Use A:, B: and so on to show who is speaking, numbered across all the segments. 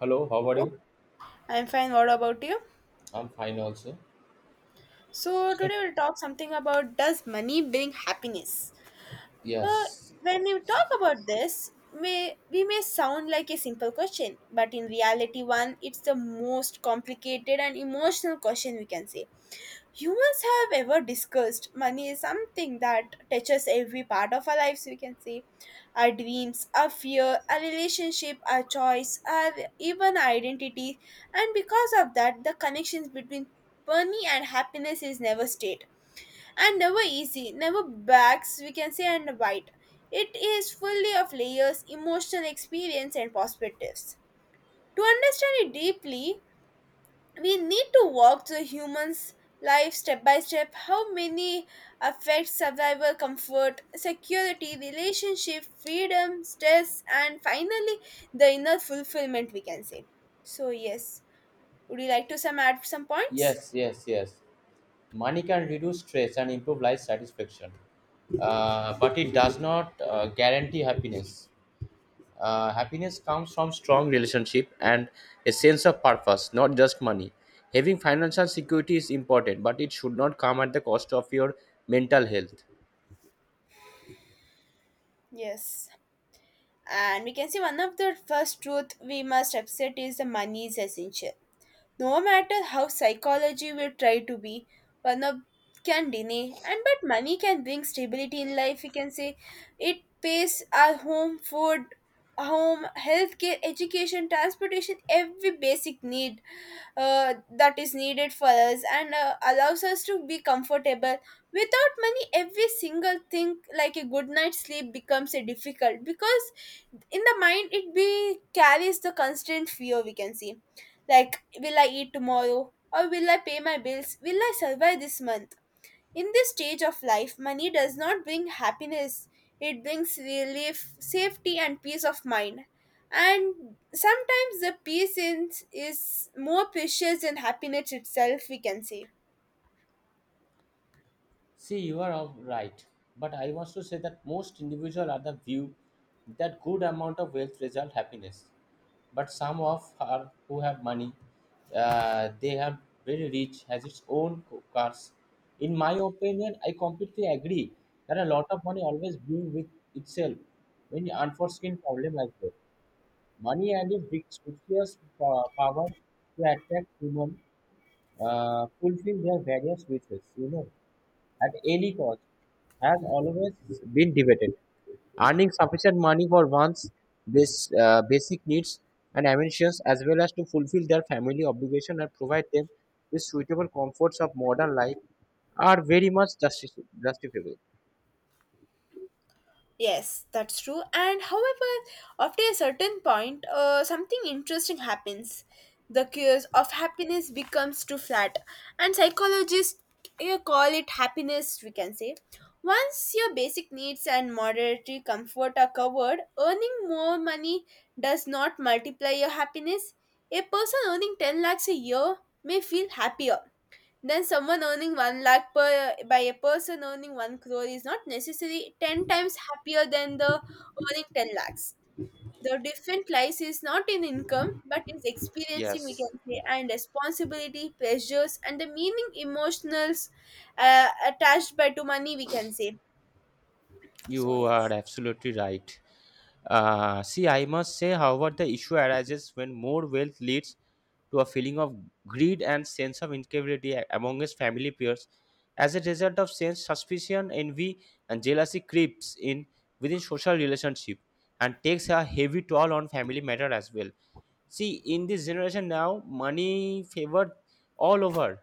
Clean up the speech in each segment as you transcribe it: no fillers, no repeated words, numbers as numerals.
A: Hello, how are you?
B: I'm fine. What about you?
A: I'm fine also.
B: So today we'll talk something about does money bring happiness? Uh,
A: Yes.
B: when you talk about this, may we may sound like a simple question, but in reality, one it's the most complicated and emotional question we can say. Humans have ever discussed money is something that touches every part of our lives we can say, our dreams, our fear, our relationship, our choice, our even our identity. And because of that the connections between money and happiness is never state and never easy, never backs we can say, and white it is fully of layers emotional experience and perspectives. To understand it deeply we need to walk the human's life step by step, how many affect survival, comfort, security, relationship, freedom, stress, and finally the inner fulfillment we can say. So yes, would you like to some add some points?
A: Yes. Money can reduce stress and improve life satisfaction, but it does not guarantee happiness. Happiness comes from strong relationship and a sense of purpose, not just money. Having financial security is important, but it should not come at the cost of your mental health.
B: Yes, and we can see one of the first truth we must accept is the money is essential. No matter how psychology will try to be one of can deny and but money can bring stability in life we can say. It pays our home, food, home, healthcare, education, transportation, every basic need that is needed for us, and allows us to be comfortable. Without money every single thing like a good night's sleep becomes a difficult, because in the mind it be carries the constant fear we can see, like will I eat tomorrow, or will I pay my bills, will I survive this month. In this stage of life, money does not bring happiness, it brings relief, safety, and peace of mind. And sometimes the peace in, is more precious than happiness itself, we can say.
A: See, you are all right, but I want to say that most individuals are the view that good amount of wealth result happiness but some of her who have money they have very rich has its own cars in my opinion I completely agree that a lot of money always brings with itself many unforeseen problem like that money and its big species power to attract human, fulfill their various wishes at any cost has always been debated. Earning sufficient money for one's basic needs and ambitions, as well as to fulfill their family obligation and provide them with suitable comforts of modern life, are very much justifiable.
B: Yes, that's true. And however, after a certain point, something interesting happens. The cures of happiness becomes too flat, and psychologists you call it happiness. We can say once your basic needs and moderatory comfort are covered, earning more money does not multiply your happiness. A person earning ten lakhs a year may feel happier then someone earning 1 lakh per, by a person earning 1 crore is not necessarily 10 times happier than the earning 10 lakhs. The different lies is not in income but is experiencing we
A: Yes.
B: can say, and responsibility pressures and the meaning emotionals attached by to money we can say. So
A: You are
B: yes,
A: absolutely right. See, I must say, however, the issue arises when more wealth leads to a feeling of greed and sense of incapability among his family peers. As a result of sense, suspicion, envy, and jealousy creeps in within social relationship and takes a heavy toll on family matter as well. See, in this generation now, money favored all over.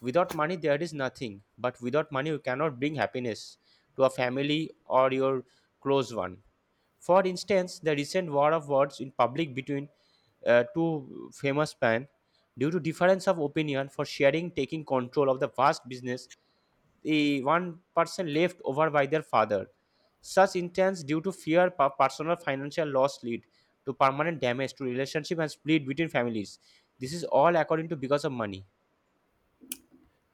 A: Without money, there is nothing. But without money, you cannot bring happiness to a family or your close one. For instance, the recent war of words in public between two famous men, due to difference of opinion for sharing, taking control of the vast business the 1% left over by their father. Such intents due to fear, personal financial loss lead to permanent damage to relationship and split between families. This is all according to because of money.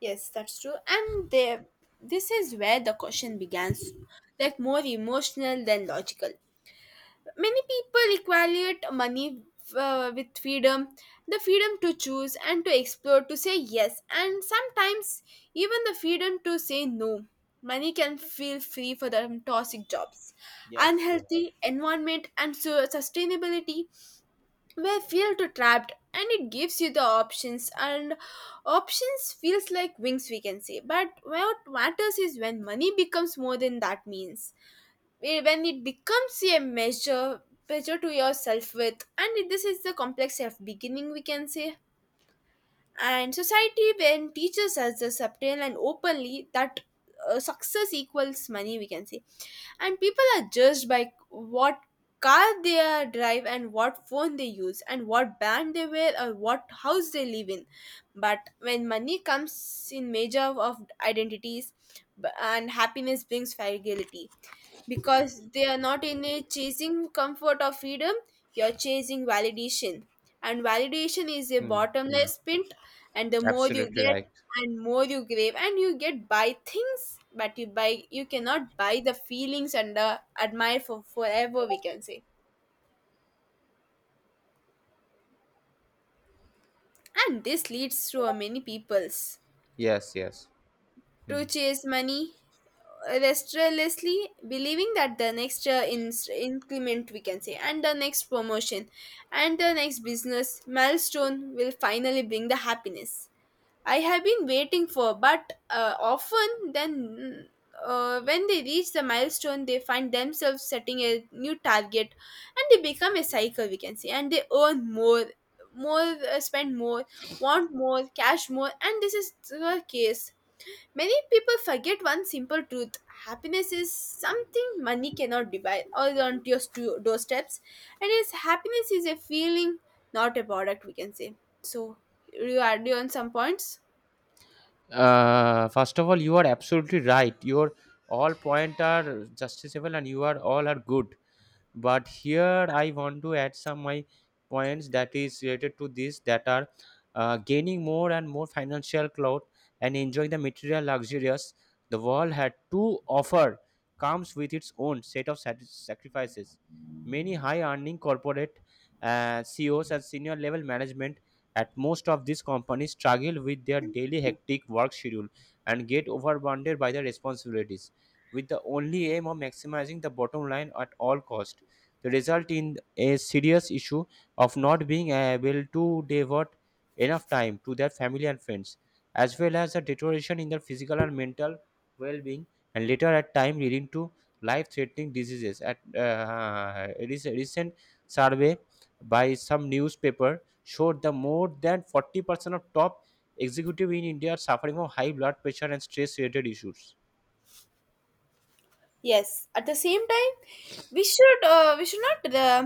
B: yes that's true. And there this is where the question begins, like more emotional than logical. Many people equate money with freedom, the freedom to choose and to explore, to say yes, and sometimes even the freedom to say no. Money can feel free for the toxic jobs,
A: Yes. Yes.
B: unhealthy environment, and so sustainability where feel too trapped, and it gives you the options, and options feels like wings we can say. But what matters is when money becomes more than that means, when it becomes a measure to your self-worth, and this is the complex of beginning we can say. And society when teaches us the subtle and openly that success equals money we can say, and people are judged by what car they are drive, and what phone they use, and what band they wear, or what house they live in. But when money comes in measure of identities, and happiness brings fragility, because they are not in a chasing comfort or freedom, you're chasing validation. And validation is a
A: Hmm, hmm.
B: bottomless pit, and the more you
A: Absolutely
B: get
A: right.
B: and more you crave, and you get buy things, but you buy you cannot buy the feelings and the admire for forever we can say. And this leads to a many peoples
A: Yes, yes.
B: to
A: Hmm.
B: chase money restlessly, believing that the next increment we can say, and the next promotion, and the next business milestone will finally bring the happiness I have been waiting for. But often then, when they reach the milestone they find themselves setting a new target, and they become a cycle we can say, and they earn more, more, spend more, want more, cash more, and this is the case. Many people forget one simple truth, happiness is something money cannot buy or on your doorsteps. And yes, happiness is a feeling, not a product, we can say. So, you add on some points?
A: First of all, you are absolutely right. Your all point are justifiable, and you are all are good. But here I want to add some my points that is related to this that are gaining more and more financial clout and enjoying the material luxurious the world had to offer comes with its own set of sacrifices. Many high earning corporate CEOs and senior level management at most of these companies struggle with their daily hectic work schedule and get overwhelmed by their responsibilities with the only aim of maximizing the bottom line at all cost result in a serious issue of not being able to devote enough time to their family and friends, as well as a deterioration in their physical and mental well-being, and later at time leading to life-threatening diseases. At a recent survey by some newspaper showed that more than 40% of top executive in India are suffering from high blood pressure and stress-related issues.
B: Yes. At the same time, we should we should not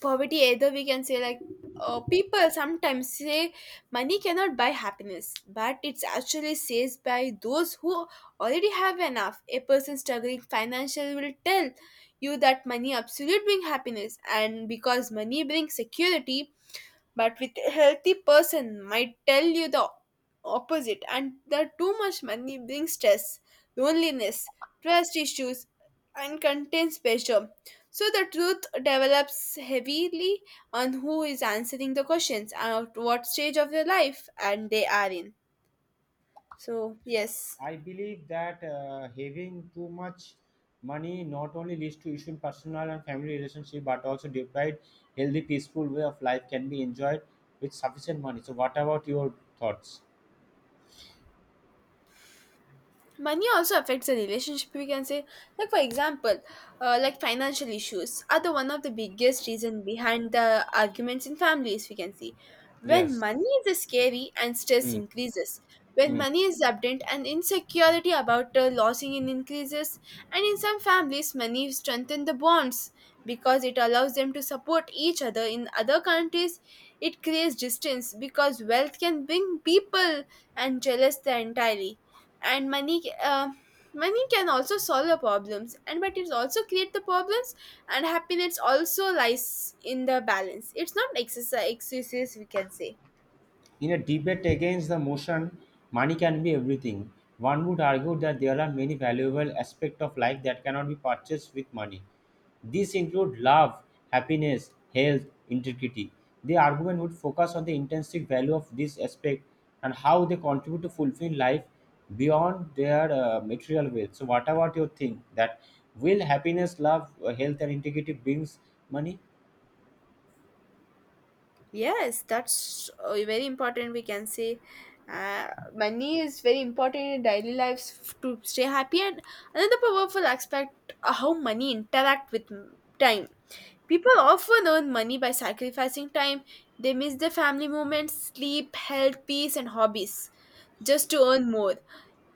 B: poverty either we can say. Like people sometimes say money cannot buy happiness but it's actually says by those who already have enough. A person struggling financially will tell you that money absolute bring happiness, and because money brings security, but with a healthy person might tell you the opposite, and that too much money brings stress, loneliness, trust issues, and contains pressure. So the truth develops heavily on who is answering the questions, and at what stage of their life and they are in. So yes,
A: I believe that having too much money not only leads to issue in personal and family relationship, but also deprived healthy, peaceful way of life can be enjoyed with sufficient money. So, what about your thoughts?
B: money also affects the relationship we can say, like for example, like financial issues are the one of the biggest reason behind the arguments in families we can see. When
A: Yes.
B: money is scary and stress
A: Mm,
B: increases, when
A: mm.
B: money is abundant and insecurity about losing it increases, and in some families money strengthens the bonds because it allows them to support each other. In other countries it creates distance, because wealth can bring people and jealous entirely. And money can also solve the problems, and but it also create the problems. And happiness also lies in the balance, it's not exercise excuses we can say.
A: In a debate against the motion, money can be everything. One would argue that there are many valuable aspects of life that cannot be purchased with money. These include love, happiness, health, integrity. The argument would focus on the intrinsic value of this aspect and how they contribute to fulfilling life beyond their material wealth. So, what about your thing that will happiness, love, health, and integrity brings money?
B: Yes, that's very important we can say. uh, Money is very important in daily lives to stay happy, and another powerful aspect, how money interact with time. People often earn money by sacrificing time, they miss the family moments, sleep, health, peace, and hobbies just to earn more.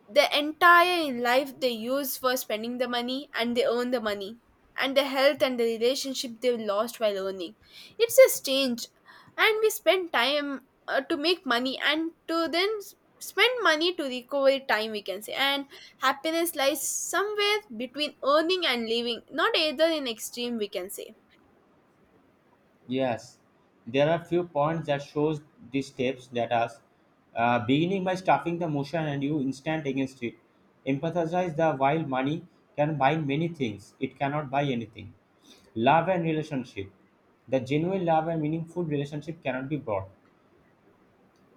B: The entire in life they use for spending the money and they earn the money. And the health and the relationship they lost while earning. It's a strange. And we spend time to make money and to then spend money to recover time, we can say. And happiness lies somewhere between earning and living, not either in extreme, we can say.
A: Yes, there are few points that shows these steps that are beginning by stuffing the motion and you instant against it. Empathize the while money can buy many things, it cannot buy anything. Love and relationship. The genuine love and meaningful relationship cannot be bought.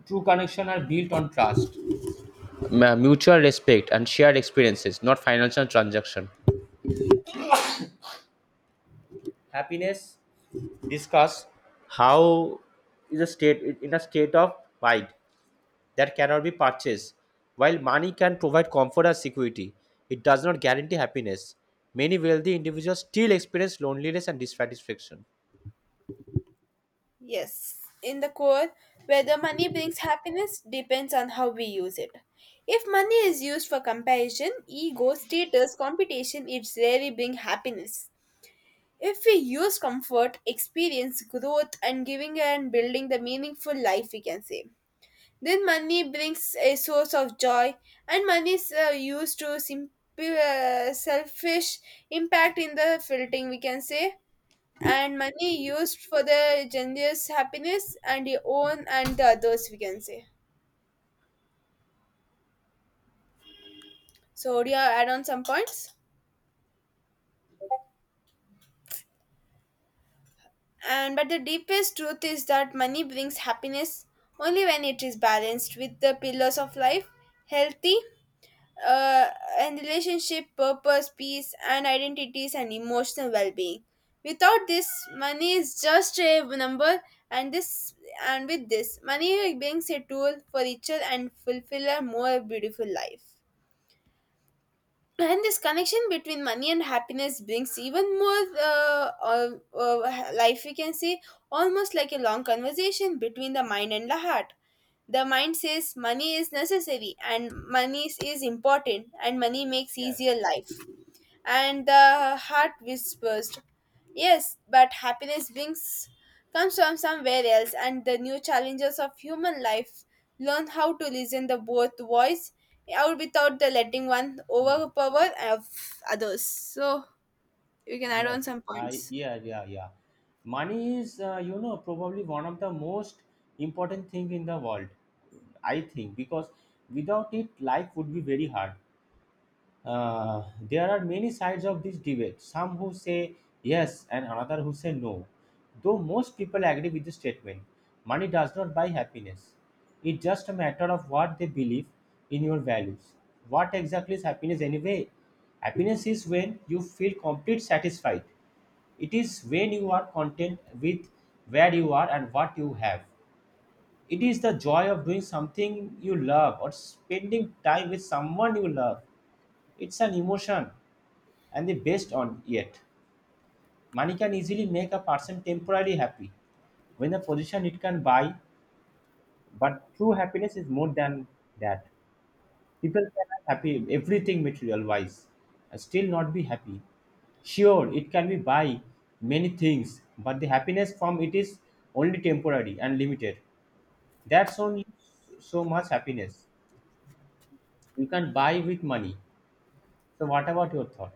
A: True connection are built on trust, mutual respect, and shared experiences, not financial transaction. Happiness discuss how is a state of mind that cannot be purchased. While money can provide comfort and security, it does not guarantee happiness. Many wealthy individuals still experience loneliness and dissatisfaction.
B: Yes, in the core, whether money brings happiness depends on how we use it. If money is used for comparison, ego, status, competition, it rarely bring happiness. If we use comfort, experience, growth, and giving and building the meaningful life, we can say, then money brings a source of joy, and money is used to simple, selfish impact in the filtering, we can say, and money used for the generous happiness and your own and the others we can say. So do you add on some points? And but the deepest truth is that money brings happiness only when it is balanced with the pillars of life, healthy uh, and relationship, purpose, peace, and identities, and emotional well-being. Without this money is just a number, and this, and with this money brings a tool for richer and fulfiller more beautiful life. And this connection between money and happiness brings even more life we can say, almost like a long conversation between the mind and the heart. The mind says money is necessary, and money is important, and money makes
A: Yes.
B: easier life, and the heart whispers, yes but happiness brings comes from somewhere else. And the new challenges of human life learn how to listen the both voice out without the letting one
A: Hmm.
B: overpower of others. So you can add on
A: Yes,
B: some
A: I,
B: points.
A: yeah. Money is probably one of the most important thing in the world. I think because without it, life would be very hard. There are many sides of this debate. Some who say yes and another who say no. Though most people agree with the statement, money does not buy happiness. It's just a matter of what they believe in your values. What exactly is happiness anyway? Happiness is when you feel complete satisfied, it is when you are content with where you are and what you have. It is the joy of doing something you love or spending time with someone you love. It's an emotion and the best on it. Money can easily make a person temporarily happy when a position it can buy, but true happiness is more than that. People can have happy everything material wise and still not be happy. Sure, it can be buy many things, but the happiness from it is only temporary and limited. That's only so much happiness you can buy with money. So, what about your thought?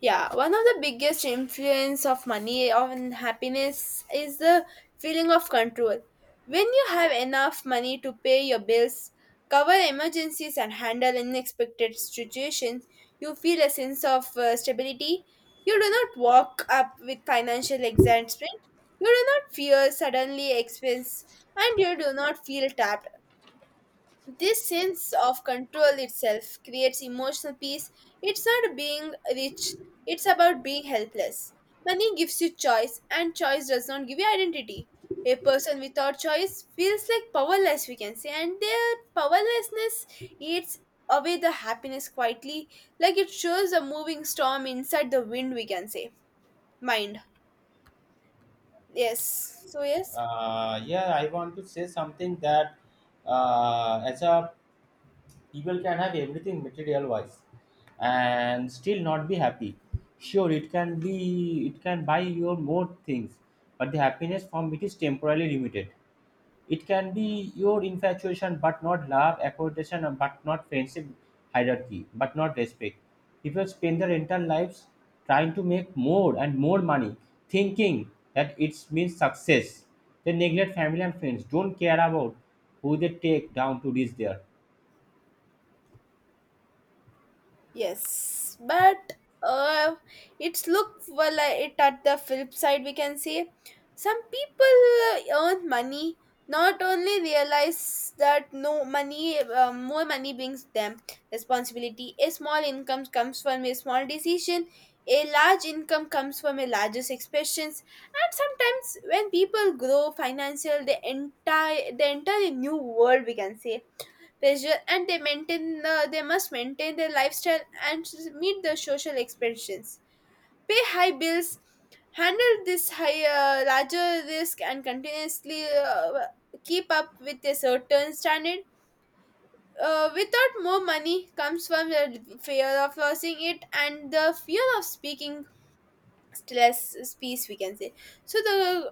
B: Yeah, one of the biggest influence of money on happiness is the feeling of control. When you have enough money to pay your bills, cover emergencies and handle unexpected situations, you feel a sense of stability. You do not walk up with financial excitement. You do not fear suddenly expense, and you do not feel trapped. This sense of control itself creates emotional peace. It's not being rich, it's about being helpless. Money gives you choice, and choice does not give you identity. A person without choice feels like powerless, we can say, and their powerlessness eats away the happiness quietly, like it shows a moving storm inside the wind, we can say. Mind. Yes. So, yes.
A: Yeah, I want to say something that as a people can have everything material wise and still not be happy. Sure, it can buy your more things, but the happiness from it is temporarily limited. It can be your infatuation, but not love, accommodation, but not friendship, hierarchy, but not respect. People spend their entire lives trying to make more and more money, thinking that it means success. They neglect family and friends, don't care about who they take down to reach there.
B: Yes, but uh, it's look well, it at the flip side, we can say some people earn money not only realize that no money, more money brings them responsibility. A small income comes from a small decision, a large income comes from a largest expressions. And sometimes when people grow financial, they enter a new world, we can say, pressure, and they maintain the, they must maintain their lifestyle, and meet the social expectations, pay high bills, handle this high, larger risk, and continuously keep up with a certain standard. Without more money comes from the fear of losing it and the fear of speaking stress speech, we can say. So the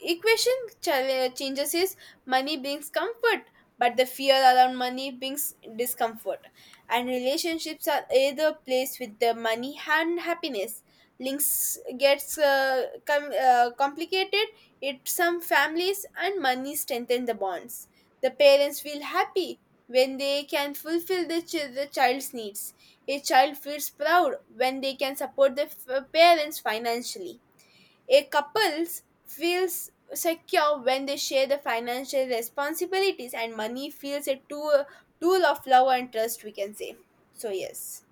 B: equation changes is money brings comfort, but the fear around money brings discomfort. And relationships are either placed with the money and happiness links gets complicated. It some families and money strengthen the bonds. The parents feel happy when they can fulfill the, the child's needs. A child feels proud when they can support the parents financially. A couples feels secure when they share the financial responsibilities, and money feels a tool, tool of love and trust, we can say. So yes.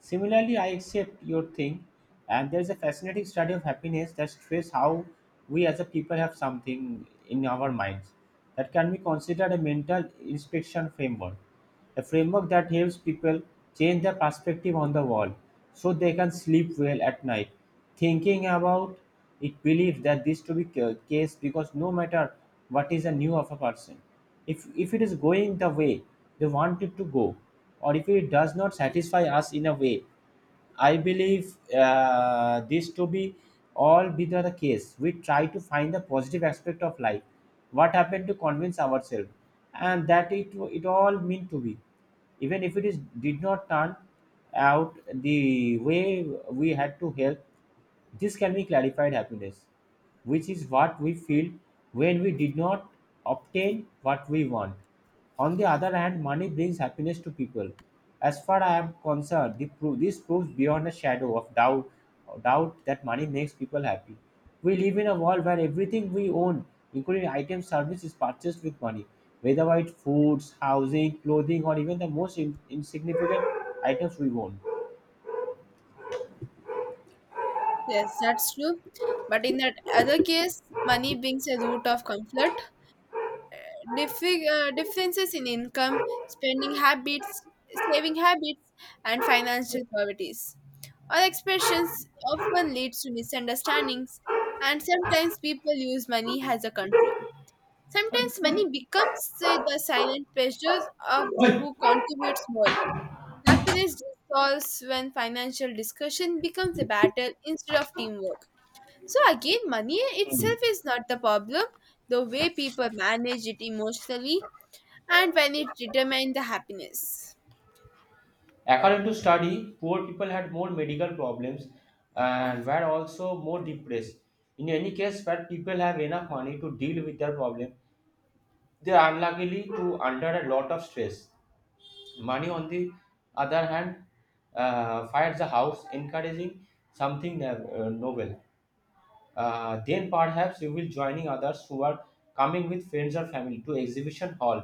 A: Similarly, I accept your thing, and there's a fascinating study of happiness that stresses how we as a people have something in our minds that can be considered a mental inspection framework, a framework that helps people change their perspective on the world so they can sleep well at night. Thinking about it believes that this to be case because no matter what is the new of a person, if it is going the way they want it to go, or if it does not satisfy us in a way I believe this to be all be the case. We try to find the positive aspect of life. What happened to convince ourselves, and that it all meant to be, even if it is did not turn out the way we had to help. This can be clarified happiness, which is what we feel when we did not obtain what we want. On the other hand, money brings happiness to people. As far I am concerned, this proves beyond a shadow of doubt that money makes people happy. We live in a world where everything we own, including items, service, is purchased with money, whether it's foods, housing, clothing, or even the most insignificant items we own.
B: Yes, that's true. But in that other case, money brings a root of conflict. Differences in income, spending habits, saving habits, and financial priorities. All expressions often leads to misunderstandings, and sometimes people use money as a control. Sometimes money becomes say, the silent pressures of the who contributes more. Happiness dissolves when financial discussion becomes a battle instead of teamwork. So again, money itself is not the problem, the way people manage it emotionally and when it determines the happiness.
A: According to study, poor people had more medical problems and were also more depressed. In any case, where people have enough money to deal with their problem, they're unluckily to under a lot of stress. Money, on the other hand, fires the house, encouraging something novel. Then perhaps you will joining others who are coming with friends or family to exhibition hall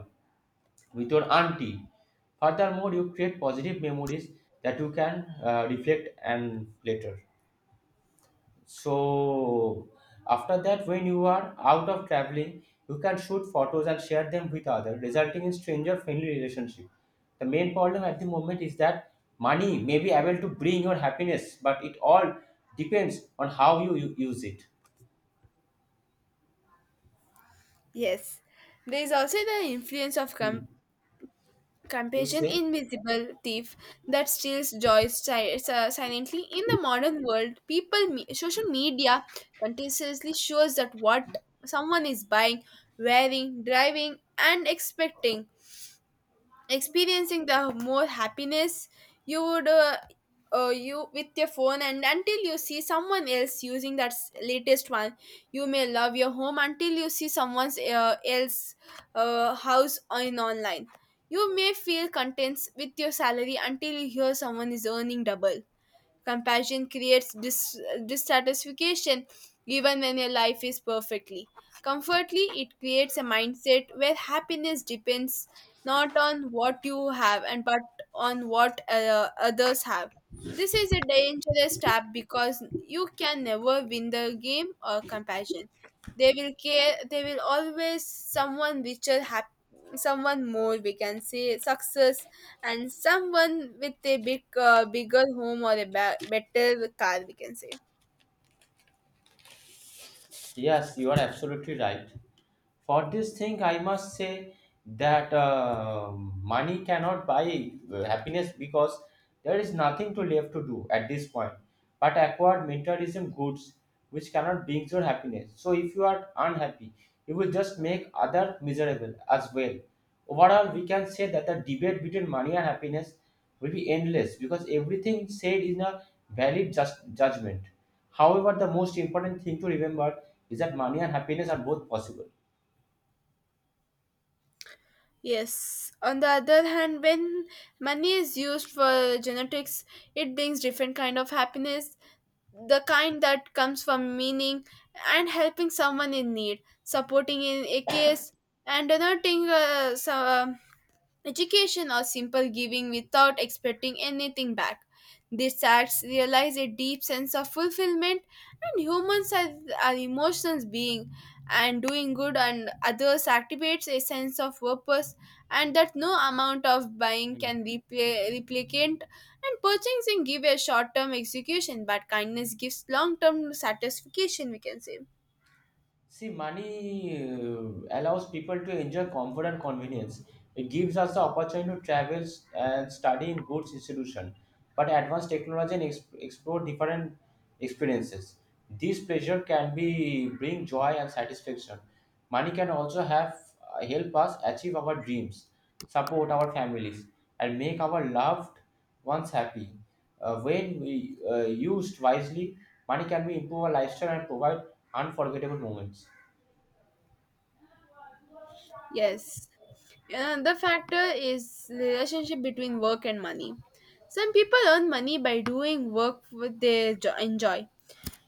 A: with your auntie. Furthermore, you create positive memories that you can reflect and later. So after that, when you are out of traveling, you can shoot photos and share them with others, resulting in stranger-friendly relationship. The main problem at the moment is that money may be able to bring your happiness, but it all depends on how you use it.
B: Yes. There is also the influence of
A: You
B: compassion,
A: say?
B: invisible thief that steals joy silently. In the modern world, people, social media continuously shows that what someone is buying, wearing, driving, and expecting, experiencing the more happiness you would, you with your phone and until you see someone else using that latest one. You may love your home until you see someone's else house in online. You may feel content with your salary until you hear someone is earning double. Compassion creates dissatisfaction even when your life is perfectly. Comfortly, it creates a mindset where happiness depends not on what you have and but on what others have. This is a dangerous trap because you can never win the game or compassion. They will care. They will always someone richer, someone more, we can say, success and someone with a big, bigger home or a better car, we can say.
A: Yes, you are absolutely right. For this thing, I must say that money cannot buy happiness because there is nothing to left to do at this point. But acquired materialism goods which cannot bring your happiness. So if you are unhappy, you will just make other miserable as well. Overall, we can say that the debate between money and happiness will be endless because everything said is a valid just judgment. However, the most important thing to remember is that money and happiness are both possible.
B: Yes, on the other hand, when money is used for genetics, it brings different kind of happiness, the kind that comes from meaning and helping someone in need, supporting in a case, and donating some, education or simple giving without expecting anything back. These acts realize a deep sense of fulfillment, and humans are emotions being, and doing good and others activates a sense of purpose, and that no amount of buying
A: Hmm.
B: can repay replicant. And purchasing give a short-term execution, but kindness gives long-term satisfaction, we can say.
A: See, money allows people to enjoy comfort and convenience. It gives us the opportunity to travel and study in good institution, but advanced technology and explore different experiences. This pleasure can be bring joy and satisfaction. Money can also have help us achieve our dreams, support our families, and make our loved ones happy. When we used wisely, money can be improve our lifestyle and provide unforgettable moments.
B: Yes. Another factor is relationship between work and money. Some people earn money by doing work with they enjoy.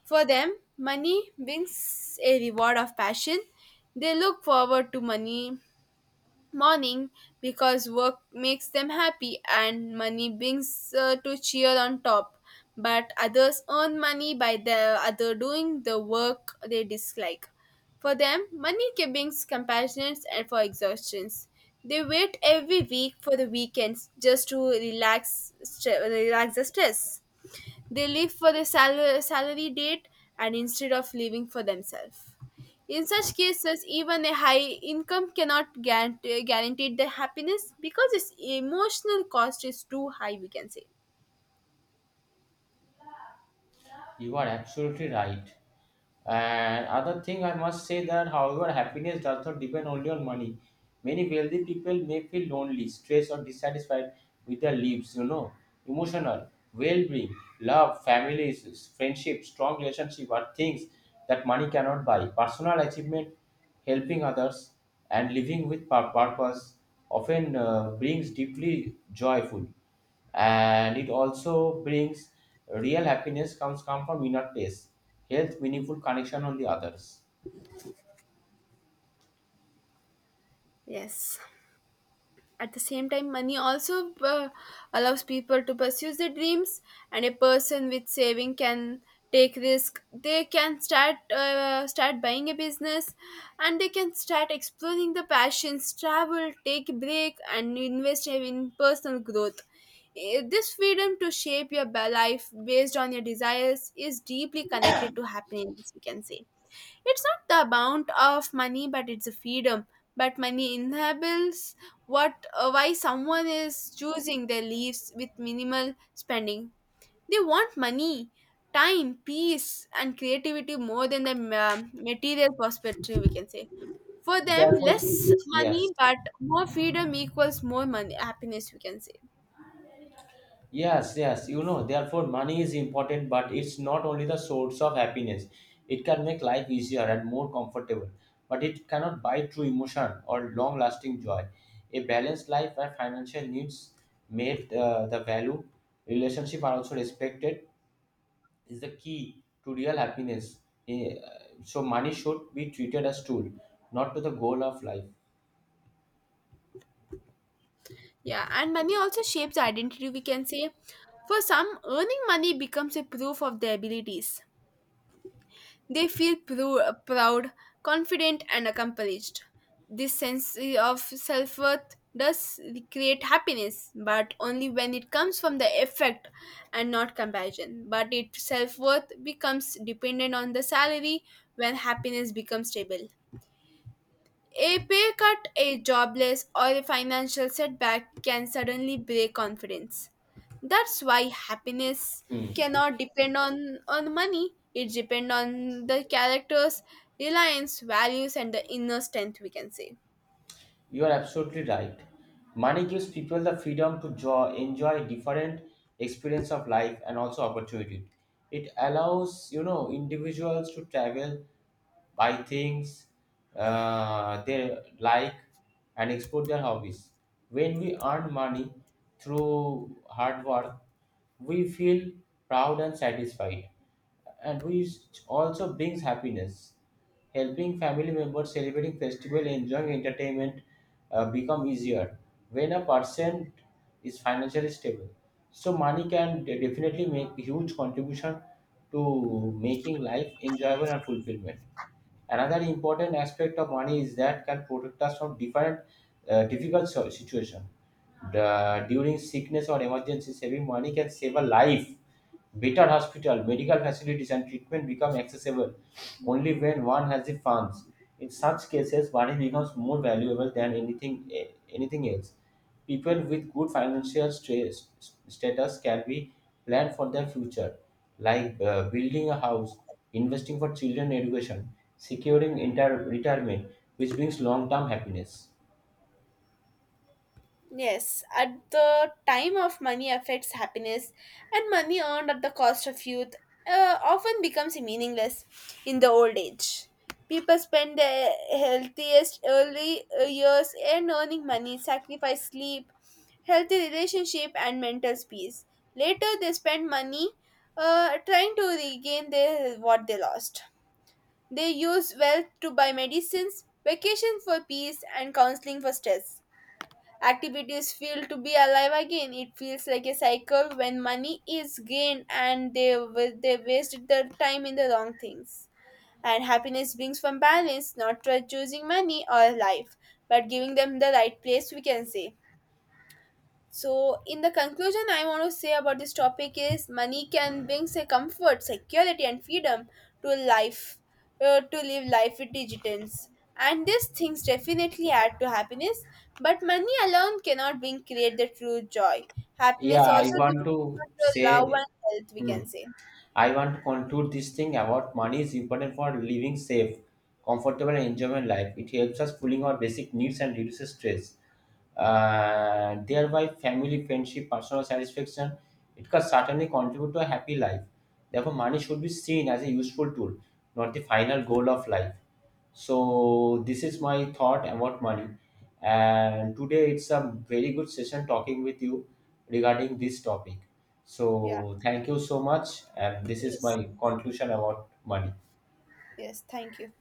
B: For them, money brings a reward of passion. They look forward to money morning because work makes them happy and money brings to cheer on top. But others earn money by the other doing the work they dislike. For them, money brings compassions and for exhaustions. They wait every week for the weekends just to relax, relax the stress. They live for the salary date, and instead of living for themselves. In such cases, even a high income cannot guarantee the happiness because its emotional cost is too high, we can say.
A: You are absolutely right. And other thing I must say that however happiness does not depend only on money. Many wealthy people may feel lonely, stressed or dissatisfied with their lives. Emotional, well-being, love, families, friendship, strong relationship are things that money cannot buy. Personal achievement, helping others and living with purpose often brings deeply joyful, and it also brings real happiness comes come from inner peace, health, meaningful connection on the others.
B: Yes. At the same time, money also allows people to pursue their dreams. And a person with saving can take risk. They can start start buying a business, and they can start exploring the passions, travel, take a break, and invest in personal growth. This freedom to shape your life based on your desires is deeply connected to happiness, we can say. It's not the amount of money, but it's a freedom. But money inhibits what, why someone is choosing their lives with minimal spending. They want money, time, peace, and creativity more than the material perspective. We can say, for them,
A: Therefore,
B: less
A: yes,
B: money but more freedom equals more money happiness, we can say.
A: yes, therefore money is important but it's not only the source of happiness. It can make life easier and more comfortable, but it cannot buy true emotion or long lasting joy. A balanced life where financial needs made the value relationship are also respected is the key to real happiness. So money should be treated as tool, not to the goal of life.
B: Yeah, and money also shapes identity, we can say. For some, earning money becomes a proof of their abilities. They feel proud, confident, and accomplished. This sense of self worth does create happiness, but only when it comes from the effect and not comparison. But its self worth becomes dependent on the salary when happiness becomes stable. A pay cut, a jobless, or a financial setback can suddenly break confidence. That's why happiness
A: Hmm.
B: cannot depend on money. It depends on the character's reliance, values, and the inner strength, we can say.
A: You are absolutely right. Money gives people the freedom to enjoy different experience of life and also opportunity. It allows individuals to travel, buy things they like, and explore their hobbies. When we earn money through hard work, we feel proud and satisfied, and which also brings happiness. Helping family members celebrating festival, enjoying entertainment become easier when a person is financially stable. So money can definitely make huge contribution to making life enjoyable and fulfillment. Another important aspect of money is that can protect us from different difficult situation. The during sickness or emergency, saving money can save a life. Better hospital, medical facilities, and treatment become accessible only when one has the funds. In such cases, money becomes more valuable than anything else. People with good financial status can be planned for their future, like building a house, investing for children education, securing retirement, which brings long-term happiness.
B: Yes, at the time of money affects happiness, and money earned at the cost of youth often becomes meaningless in the old age. People spend their healthiest early years in earning money, sacrifice sleep, healthy relationship, and mental peace. Later, they spend money trying to regain their, what they lost. They use wealth to buy medicines, vacation for peace, and counseling for stress. Activities feel to be alive again. It feels like a cycle when money is gained and they they wasted their time in the wrong things. And happiness brings from balance, not by choosing money or life, but giving them the right place, we can say. So, in the conclusion, I want to say about this topic is money can bring say comfort, security, and freedom to life, to live life with diligence. And these things definitely add to happiness, but money alone cannot bring create the true joy.
A: Yeah,
B: Happiness
A: I
B: also
A: want to
B: depends on the love
A: say.
B: and health, we
A: Hmm.
B: can say.
A: I want to conclude this thing about money is important for living safe, comfortable, and enjoyable life. It helps us fulfilling our basic needs and reduces stress thereby family, friendship, personal satisfaction. It can certainly contribute to a happy life. Therefore, money should be seen as a useful tool, not the final goal of life. So, this is my thought about money. And today it's a very good session talking with you regarding this topic.
B: Yeah.
A: So, thank you so much. And this is
B: Yes.
A: my conclusion about money.
B: Yes. Thank you.